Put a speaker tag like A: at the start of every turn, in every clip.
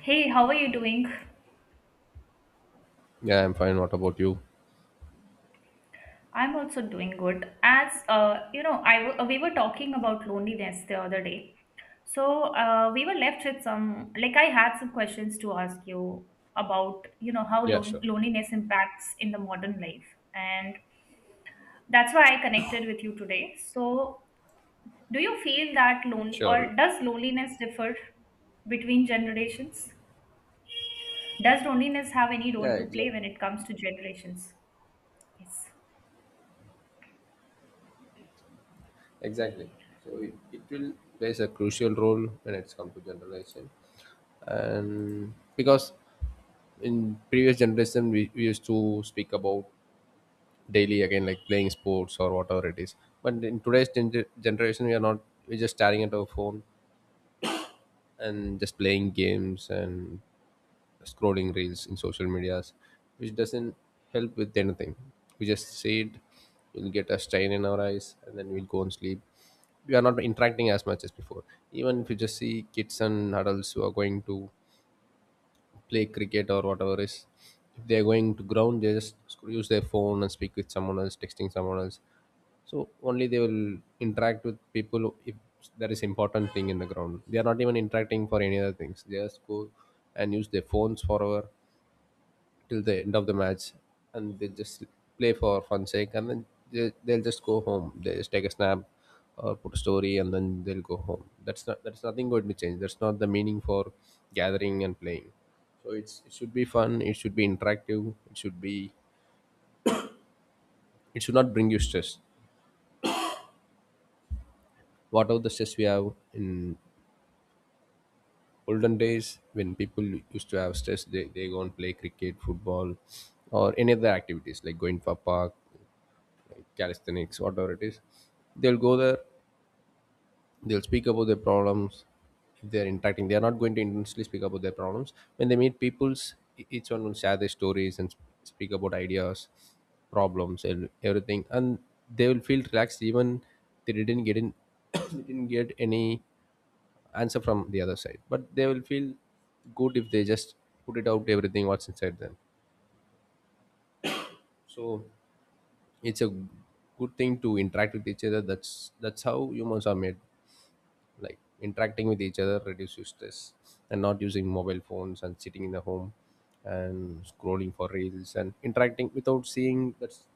A: Hey, how are you doing?
B: Yeah, I'm fine. What about you?
A: I'm also doing good. As you know, we were talking about loneliness the other day. So we were left with some, like I had some questions to ask you about, how
B: Yeah, sure.
A: loneliness impacts in the modern life. And that's why I connected with you today. So do you feel that lonely,
B: Sure.
A: or does loneliness differ between generations? Does loneliness have any
B: Yeah,
A: role to play
B: exactly.
A: when it comes to generations? Yes.
B: Exactly. So it will plays a crucial role when it's come to generalization. And because in previous generation we used to speak about daily again like playing sports or whatever it is. But in today's generation we are not, we're just staring at our phone and just playing games and scrolling reels in social medias, which doesn't help with anything. We just say it, we'll get a strain in our eyes, and then we'll go and sleep. We are not interacting as much as before. Even if you just see kids and adults who are going to play cricket or whatever is, if they are going to ground, they just use their phone and speak with someone else, texting someone else. So only they will interact with people if there is important thing in the ground. They are not even interacting for any other things. They just go and use their phones forever till the end of the match, and they just play for fun sake, and then they'll just go home. They just take a snap or put a story, and then they'll go home. That's nothing going to change. That's not the meaning for gathering and playing. So it should be fun. It should be interactive. It should not bring you stress. Whatever the stress we have in olden days when people used to have stress, they go and play cricket, football, or any other activities like going for park, calisthenics, whatever it is. They'll go there, they'll speak about their problems if they're interacting. They're not going to intensely speak about their problems when they meet peoples. Each one will share their stories and speak about ideas, problems and everything, and they will feel relaxed even they didn't get in they didn't get any answer from the other side, but they will feel good if they just put it out everything what's inside them. So it's a good thing to interact with each other. That's how humans are made, like interacting with each other reduces stress, and not using mobile phones and sitting in the home and scrolling for reels and interacting without seeing, that's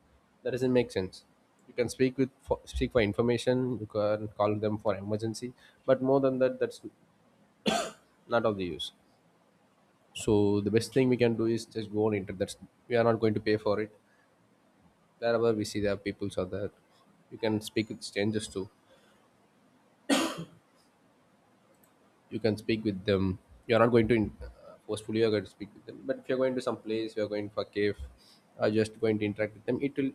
B: that doesn't make sense. You can speak with speak for information. You can call them for emergency, but more than that, that's not of the use. So the best thing we can do is just go on internet. That's we are not going to pay for it. Wherever we see there are peoples are there, you can speak with strangers too. You can speak with them. You're not going to forcefully you're going to speak with them. But if you're going to some place, you're going for a cave, are just going to interact with them, it will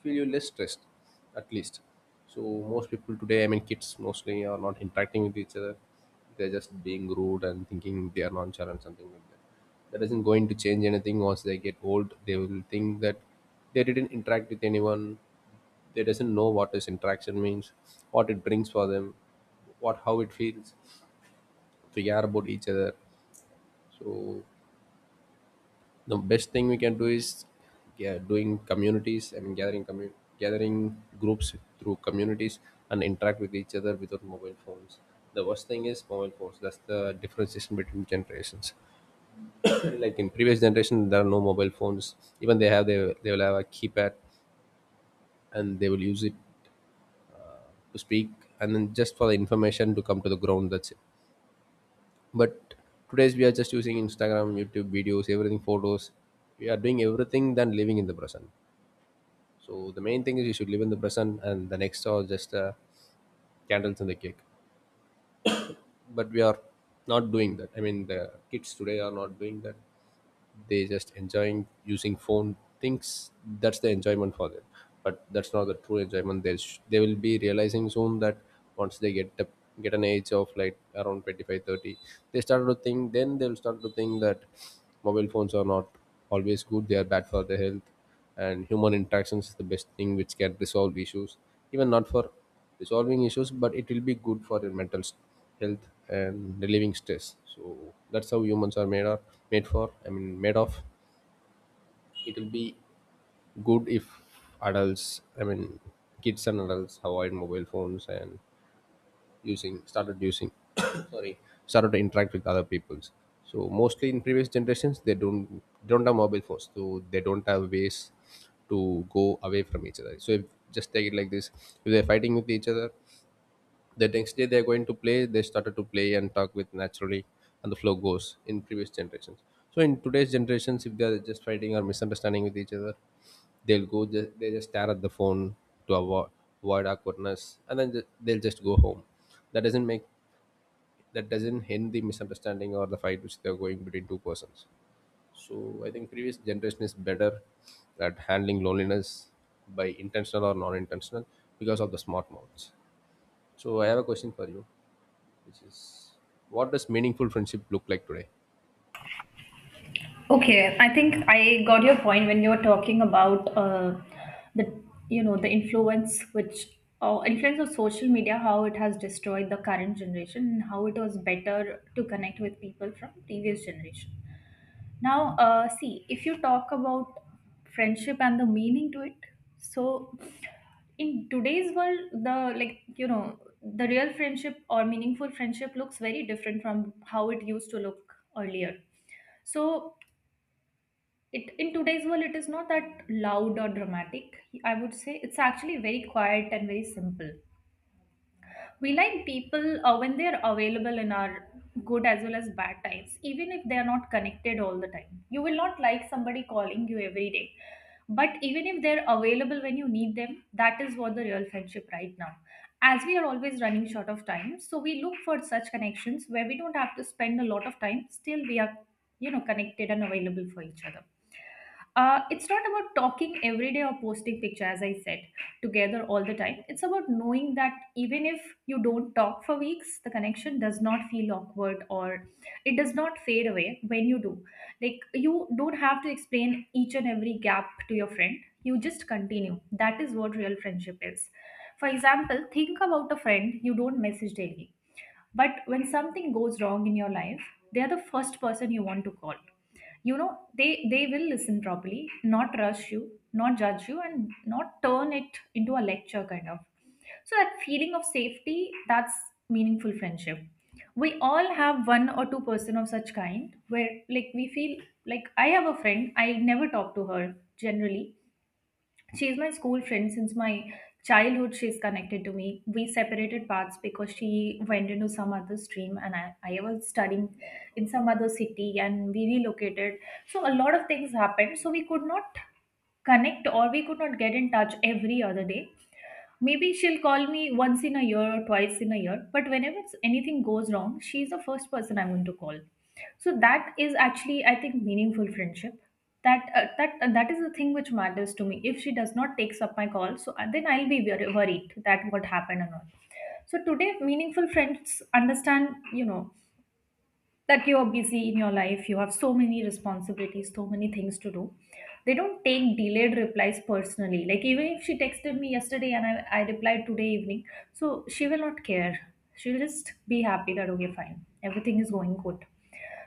B: feel you less stressed, at least. So most people today, I mean kids mostly are not interacting with each other. They're just being rude and thinking they are nonchalant, something like that. That isn't going to change anything. Once they get old, they will think that they didn't interact with anyone. They doesn't know what this interaction means, what it brings for them, what how it feels to care about each other. So the best thing we can do is, yeah, doing communities, I mean gathering gathering groups through communities and interact with each other without mobile phones. The worst thing is mobile phones. That's the differentiation between generations. Like in previous generation there are no mobile phones. Even they have, they will have a keypad and they will use it to speak, and then just for the information to come to the ground, that's it. But today's we are just using Instagram, YouTube videos, everything, photos. We are doing everything than living in the present. So the main thing is you should live in the present, and the next are just candles and the cake. But we are not doing that, I mean the kids today are not doing that. They just enjoying using phone thinks that's the enjoyment for them. But that's not the true enjoyment. They they will be realizing soon that once they get the get an age of like around 25, 30, they start to think, then they'll start to think that mobile phones are not always good. They are bad for the health, and human interactions is the best thing which can resolve issues. Even not for resolving issues, but it will be good for your mental health and relieving stress. So that's how humans are made or made for, I mean made of. It will be good if adults, I mean kids and adults avoid mobile phones and using started using sorry, started to interact with other peoples. So mostly in previous generations they don't have mobile phones, so they don't have ways to go away from each other. So if just take it like this, if they're fighting with each other, the next day they're going to play, they started to play and talk with naturally, and the flow goes in previous generations. So in today's generations if they're just fighting or misunderstanding with each other, they'll go, they just stare at the phone to avoid awkwardness, and then they'll just go home. that doesn't make that doesn't end the misunderstanding or the fight which they're going between two persons. So I think previous generation is better at handling loneliness, by intentional or non-intentional, because of the smart mouths. So I have a question for you, which, what does meaningful friendship look like today?
A: Okay, I think I got your point when you were talking about the influence which or influence of social media, how it has destroyed the current generation and how it was better to connect with people from previous generation. Now, see, if you talk about friendship and the meaning to it, so in today's world the like you know the real friendship or meaningful friendship looks very different from how it used to look earlier. So it in today's world, it is not that loud or dramatic. I would say it's actually very quiet and very simple. We like people when they're available in our good as well as bad times, even if they are not connected all the time. You will not like somebody calling you every day, but even if they're available when you need them, that is what the real friendship right now. As we are always running short of time, so we look for such connections where we don't have to spend a lot of time, still we are, connected and available for each other. It's not about talking every day or posting picture, as I said, together all the time. It's about knowing that even if you don't talk for weeks, the connection does not feel awkward, or it does not fade away when you do. Like, you don't have to explain each and every gap to your friend. You just continue. That is what real friendship is. For example, think about a friend you don't message daily. But when something goes wrong in your life, they are the first person you want to call. You know they they will listen properly, not rush you, not judge you, and not turn it into a lecture kind of. So that feeling of safety, that's meaningful friendship. We all have one or two person of such kind where, like, we feel, like, I have a friend I never talk to her generally. She's my school friend since my childhood. She's connected to me. We separated paths because she went into some other stream, and I was studying in some other city, and we relocated. So a lot of things happened. So we could not connect or we could not get in touch every other day. Maybe she'll call me once in a year or twice in a year, but whenever anything goes wrong, she's the first person I'm going to call. So that is actually, I think, meaningful friendship. That is the thing which matters to me. If she does not takes up my call, so then I'll be very worried that what happened or not. So today, meaningful friends understand, that you are busy in your life. You have so many responsibilities, so many things to do. They don't take delayed replies personally. Like, even if she texted me yesterday and I replied today evening, so she will not care. She'll just be happy that okay, fine, everything is going good.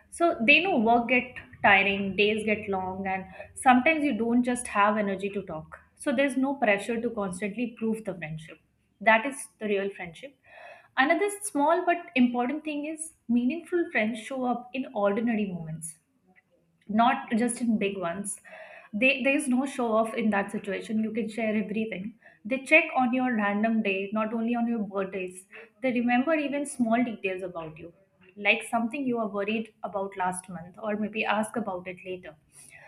A: So they know work get tiring, days get long, and sometimes you don't just have energy to talk. So there's no pressure to constantly prove the friendship. That is the real friendship. Another small but important thing is meaningful friends show up in ordinary moments, not just in big ones. They There's no show off in that situation. You can share everything. They check on your random day, not only on your birthdays. They remember even small details about you, like something you were worried about last month or maybe ask about it later.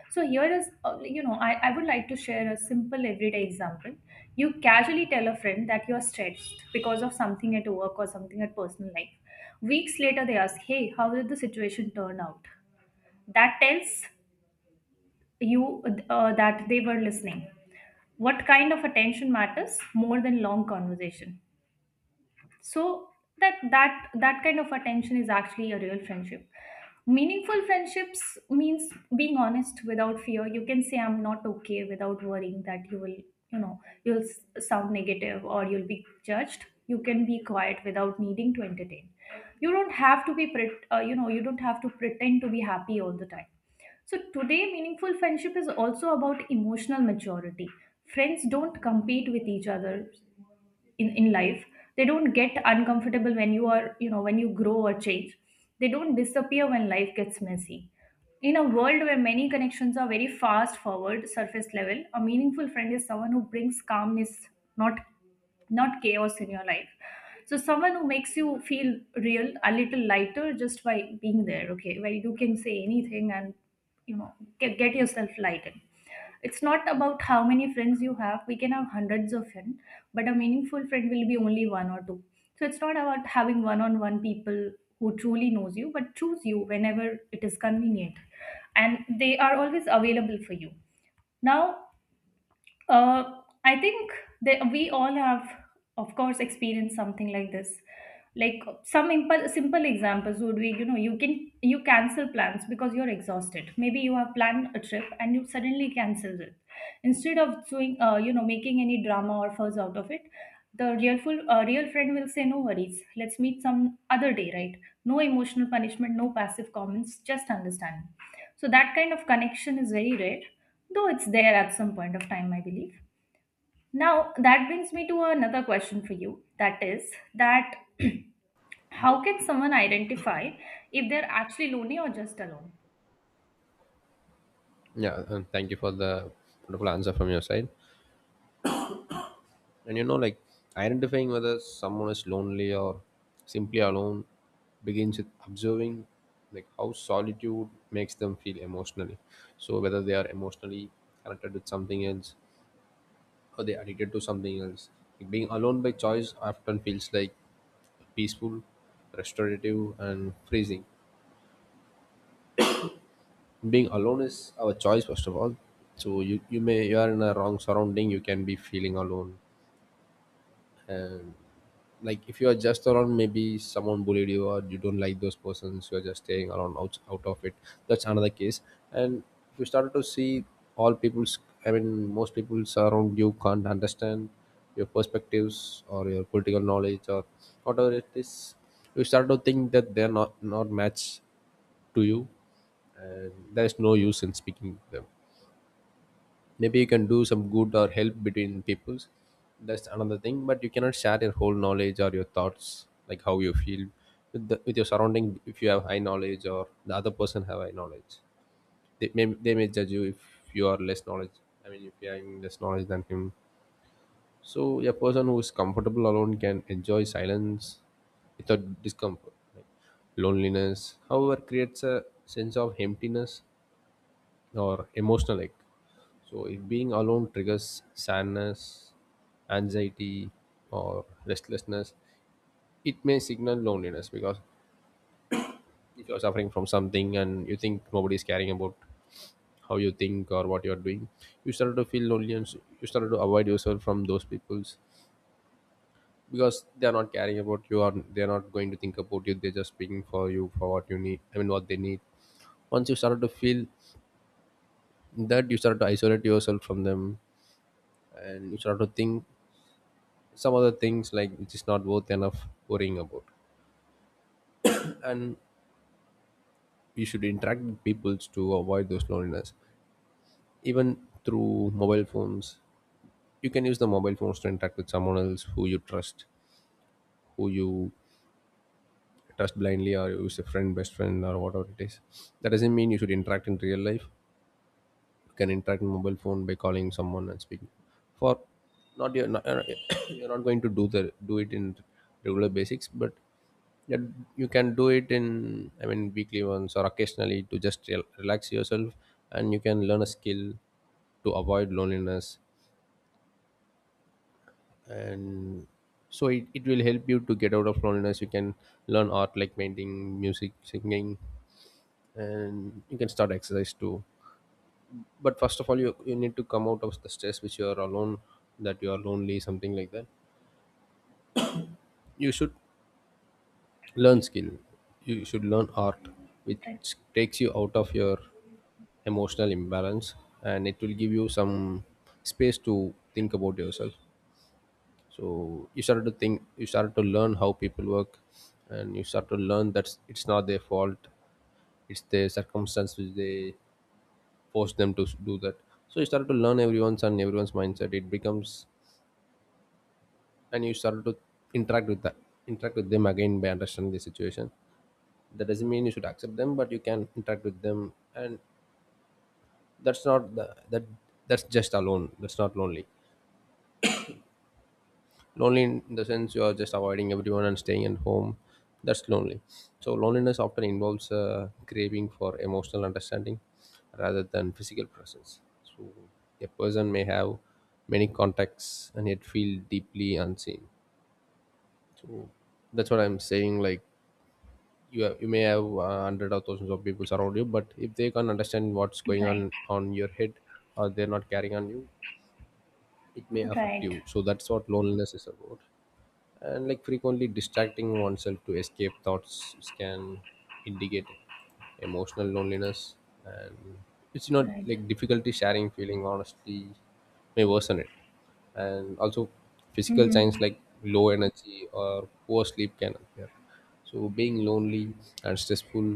A: So here is, I would like to share a simple everyday example. You casually tell a friend that you're stressed because of something at work or something at personal life. Weeks later, they ask, "Hey, how did the situation turn out?" That tells you that they were listening. What kind of attention matters more than long conversation? So that kind of attention is actually a real friendship. Meaningful friendships means being honest without fear. You can say, "I'm not okay," without worrying that you will, sound negative or you'll be judged. You can be quiet without needing to entertain. You don't have to you don't have to pretend to be happy all the time. So today meaningful friendship is also about emotional maturity. Friends don't compete with each other in life. They don't get uncomfortable when when you grow or change. They don't disappear when life gets messy. In a world where many connections are very fast forward, surface level, a meaningful friend is someone who brings calmness, not not chaos in your life. So someone who makes you feel real, a little lighter, just by being there, okay, where you can say anything and, you know get yourself lightened. It's not about how many friends you have. We can have hundreds of friends, but a meaningful friend will be only one or two. So it's not about having one on one, people who truly knows you, but choose you whenever it is convenient. And they are always available for you. Now, uh, I think that we all have, of course, experienced something like this. Like, some simple examples would be, you cancel plans because you're exhausted. Maybe you have planned a trip and you suddenly cancel it. Instead of doing, making any drama or fuss out of it, the real friend will say, "No worries, let's meet some other day." Right? No emotional punishment, no passive comments, just understanding. So that kind of connection is very rare, though it's there at some point of time, I believe. Now, that brings me to another question for you. That is, that how can someone identify if they're actually lonely or just alone?
B: Yeah, and thank you for the wonderful answer from your side. And you know, like, identifying whether someone is lonely or simply alone begins with observing, like how solitude makes them feel emotionally. So whether they are emotionally connected with something else, or they are addicted to something else. Like being alone by choice often feels like peaceful, restorative, and freezing. Being alone is our choice first of all. So you may you are in a wrong surrounding, you can be feeling alone. And like if you are just around, maybe someone bullied you, or you don't like those persons, you are just staying around out of it. That's another case. And if you started to see all people's, I mean most people around you can't understand your perspectives or your political knowledge or whatever it is, you start to think that they're not match to you, and there's no use in speaking to them. Maybe you can do some good or help between peoples, that's another thing. But you cannot share your whole knowledge or your thoughts, like how you feel with, with your surrounding. If you have high knowledge or the other person have high knowledge, they may judge you if you are less knowledge, I mean if you are having less knowledge than him. So a person who is comfortable alone can enjoy silence without discomfort. Like loneliness however creates a sense of emptiness or emotional ache. So if being alone triggers sadness, anxiety, or restlessness, it may signal loneliness. Because if you're suffering from something and you think nobody's caring about how you think or what you're doing, you start to feel lonely, and you start to avoid yourself from those people's because they're not caring about you, or they're not going to think about you. They're just speaking for you for what you need, I mean what they need. Once you start to feel that, you start to isolate yourself from them, and you start to think some other things like which is not worth enough worrying about. And you should interact with people to avoid those loneliness, even through mobile phones. You can use the mobile phones to interact with someone else who you trust, who you trust blindly, or use a friend, best friend, or whatever it is. That doesn't mean you should interact in real life. You can interact in mobile phone by calling someone and speaking for, not you're not, you're not going to do the do it in regular basics, but yeah, you can do it in, I mean weekly once or occasionally to just relax yourself. And you can learn a skill to avoid loneliness. And so it will help you to get out of loneliness. You can learn art like painting, music, singing, and you can start exercise too. But first of all, you need to come out of the stress which you are alone, that you are lonely, something like that. You should learn
A: Ye-.
B: skill, you should learn art
A: Right,
B: which takes you out of your emotional imbalance, and it will give you some space to think about yourself. So you start to think, you start to learn how people work, and you start to learn that it's not their fault, it's their circumstance which they force them to do that. So you start to learn everyone's and everyone's mindset it becomes, and you start to interact with that interact with them again by understanding the situation. That doesn't mean you should accept them, but you can interact with them. And that's not the, that that's just alone, that's not lonely. Lonely in the sense you are just avoiding everyone and staying at home, that's lonely. So loneliness often involves a craving for emotional understanding rather than physical presence. So a person may have many contacts and yet feel deeply unseen. So that's what I'm saying, like, you may have hundred or thousands of people around you, but if they can't understand what's going
A: right.
B: on your head, or they're not carrying on you, it may affect you.
A: Right,
B: So that's what loneliness is about. And like frequently distracting oneself to escape thoughts can indicate emotional loneliness. And it's not
A: right.
B: like difficulty sharing feeling honestly may worsen it. And also physical
A: Mm-hmm.
B: signs like low energy or poor sleep can appear. So being lonely and stressful,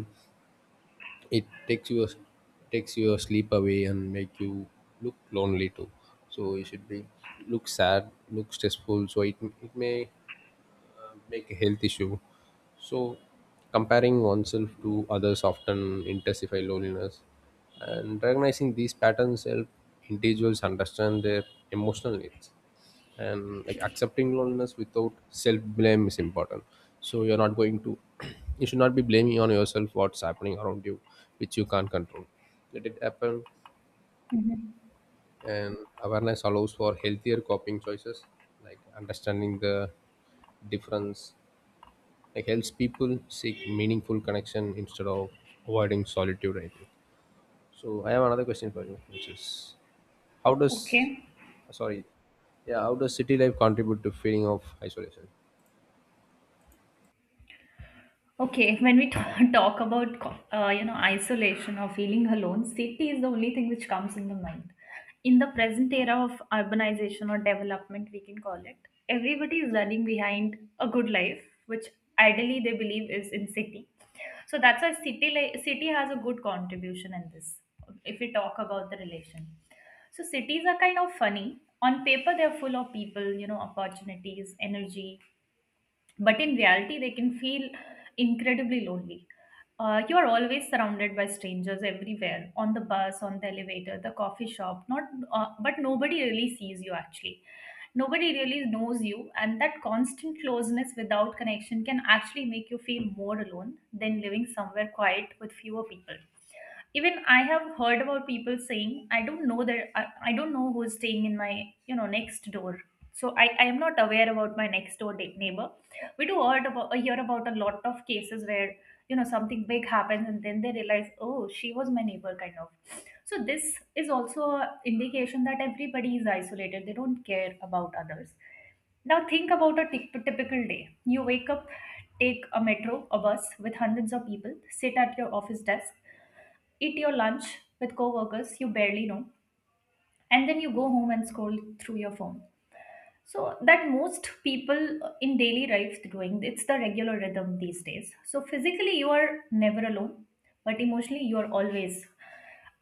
B: it takes your sleep away and make you look lonely too. So you should be look sad, look stressful, so it may make a health issue. So, comparing oneself to others often intensify loneliness, and recognizing these patterns help individuals understand their emotional needs. And like accepting loneliness without self blame is important. So you're not going to, you should not be blaming on yourself what's happening around you, which you can't control. Let it happen,
A: Mm-hmm.
B: and awareness allows for healthier coping choices, like understanding the difference, like helps people seek meaningful connection instead of avoiding solitude I think. So I have another question for you which is how does,
A: Okay.
B: sorry, yeah, how does city life contribute to feeling of isolation?
A: Okay, when we talk about isolation or feeling alone, city is the only thing which comes in the mind. In the present era of urbanization or development, we can call it, everybody is running behind a good life, which ideally they believe is in city. So that's why city has a good contribution in this. If we talk about the relation, so cities are kind of funny. On paper, they're full of people, opportunities, energy, but in reality they can feel incredibly lonely. You are always surrounded by strangers everywhere, on the bus, on the elevator, the coffee shop, not but nobody really sees you actually. Nobody really knows you, and that constant closeness without connection can actually make you feel more alone than living somewhere quiet with fewer people. Even I have heard about people saying, "I don't know that I don't know who's staying in my, next door." So I am not aware about my next door neighbor. We do heard about hear about a lot of cases where, something big happens, and then they realize, "Oh, she was my neighbor" kind of. So this is also a indication that everybody is isolated. They don't care about others. Now think about a typical day. You wake up, take a metro, a bus with hundreds of people, sit at your office desk, eat your lunch with coworkers you barely know, and then you go home and scroll through your phone. So that most people in daily life doing, it's the regular rhythm these days. So physically you are never alone, but emotionally you are always.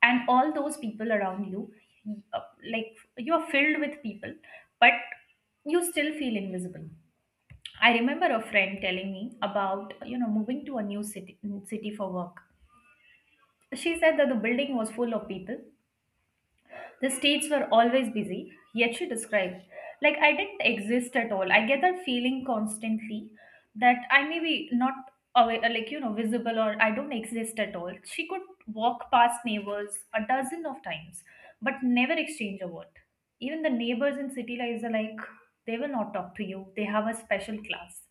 A: And all those people around you, uh, like, you are filled with people, but you still feel invisible. I remember a friend telling me about, moving to a new city for work. She said that the building was full of people. The states were always busy, yet she described, like, "I didn't exist at all." I get that feeling constantly that I may be not away, like, visible, or I don't exist at all. She could walk past neighbors a dozen of times, but never exchange a word. Even the neighbors in city lives are like, they will not talk to you. They have a special class.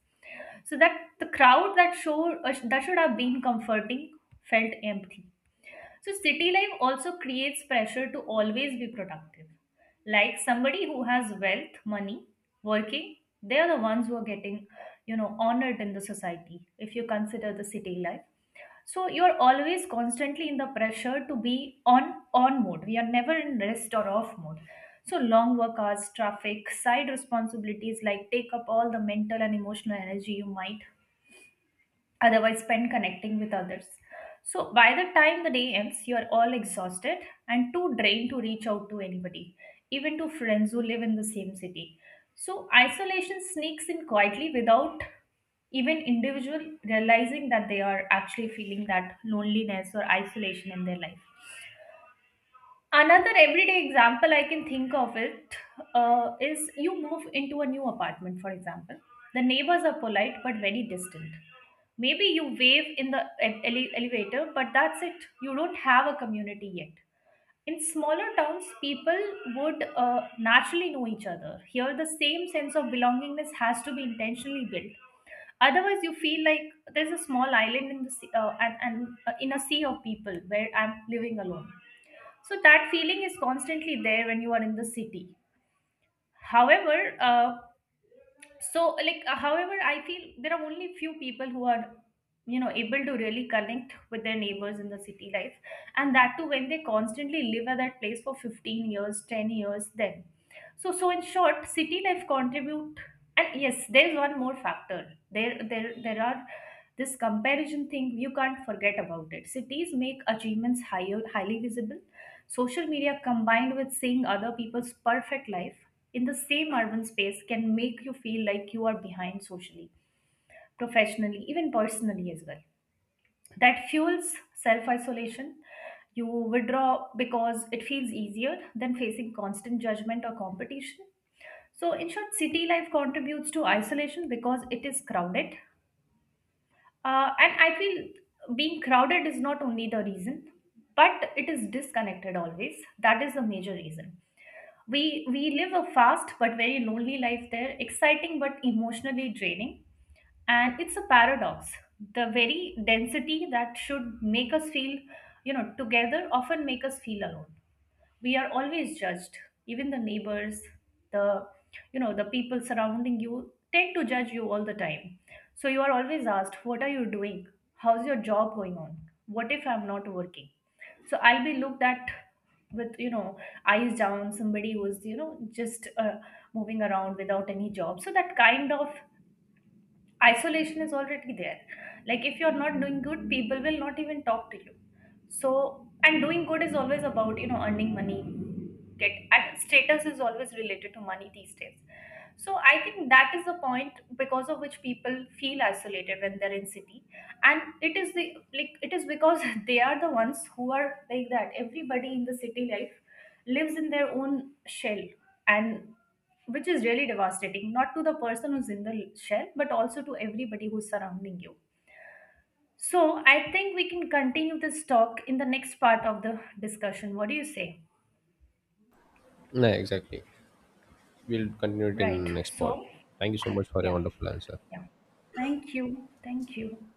A: So that the crowd that showed, that should have been comforting felt empty. So, city life also creates pressure to always be productive. Like somebody who has wealth, money, working, they are the ones who are getting, honored in the society if you consider the city life. So you're always constantly in the pressure to be on mode. We are never in rest or off mode. So long work hours, traffic, side responsibilities like take up all the mental and emotional energy you might otherwise spend connecting with others. So by the time the day ends, you are all exhausted and too drained to reach out to anybody, even to friends who live in the same city. So isolation sneaks in quietly without even individual realizing that they are actually feeling that loneliness or isolation in their life. Another everyday example I can think of it is you move into a new apartment, for example. The neighbors are polite but very distant. Maybe you wave in the elevator, but that's it. You don't have a community yet. In smaller towns, people would naturally know each other. Here, the same sense of belongingness has to be intentionally built. Otherwise, you feel like there's a small island in the sea, and in a sea of people where I'm living alone, so that feeling is constantly there when you are in the city. However uh, so like uh, however I feel there are only few people who are, able to really connect with their neighbors in the city life, and that too when they constantly live at that place for 15 years, 10 years then. So in short, city life contribute, and yes, there is one more factor. There are this comparison thing. You can't forget about it. Cities make achievements highly visible. Social media combined with seeing other people's perfect life in the same urban space can make you feel like you are behind socially, professionally, even personally as well, that fuels self isolation. You withdraw because it feels easier than facing constant judgment or competition. So, in short, city life contributes to isolation because it is crowded. And I feel being crowded is not only the reason, but it is disconnected always. That is the major reason. We live a fast but very lonely life there, exciting but emotionally draining, and it's a paradox. The very density that should make us feel, together often make us feel alone. We are always judged, even the neighbors, the, the people surrounding you tend to judge you all the time. So you are always asked, what are you doing, how's your job going on? What if I'm not working? So I'll be looked at with, eyes down, somebody who's, you know just moving around without any job. So that kind of isolation is already there. Like if you're not doing good, people will not even talk to you. So, and doing good is always about, earning money, get and status is always related to money these days. So I think that is the point because of which people feel isolated when they're in city, and it is the like it is because they are the ones who are like that. Everybody in the city life lives in their own shell, and which is really devastating, not to the person who's in the shell, but also to everybody who's surrounding you. So I think we can continue this talk in the next part of the discussion. What do you say?
B: Yeah, exactly, we'll continue it in
A: Right.
B: next part.
A: So
B: Thank you so much for your
A: yeah,
B: wonderful answer.
A: yeah. Thank you. Thank you.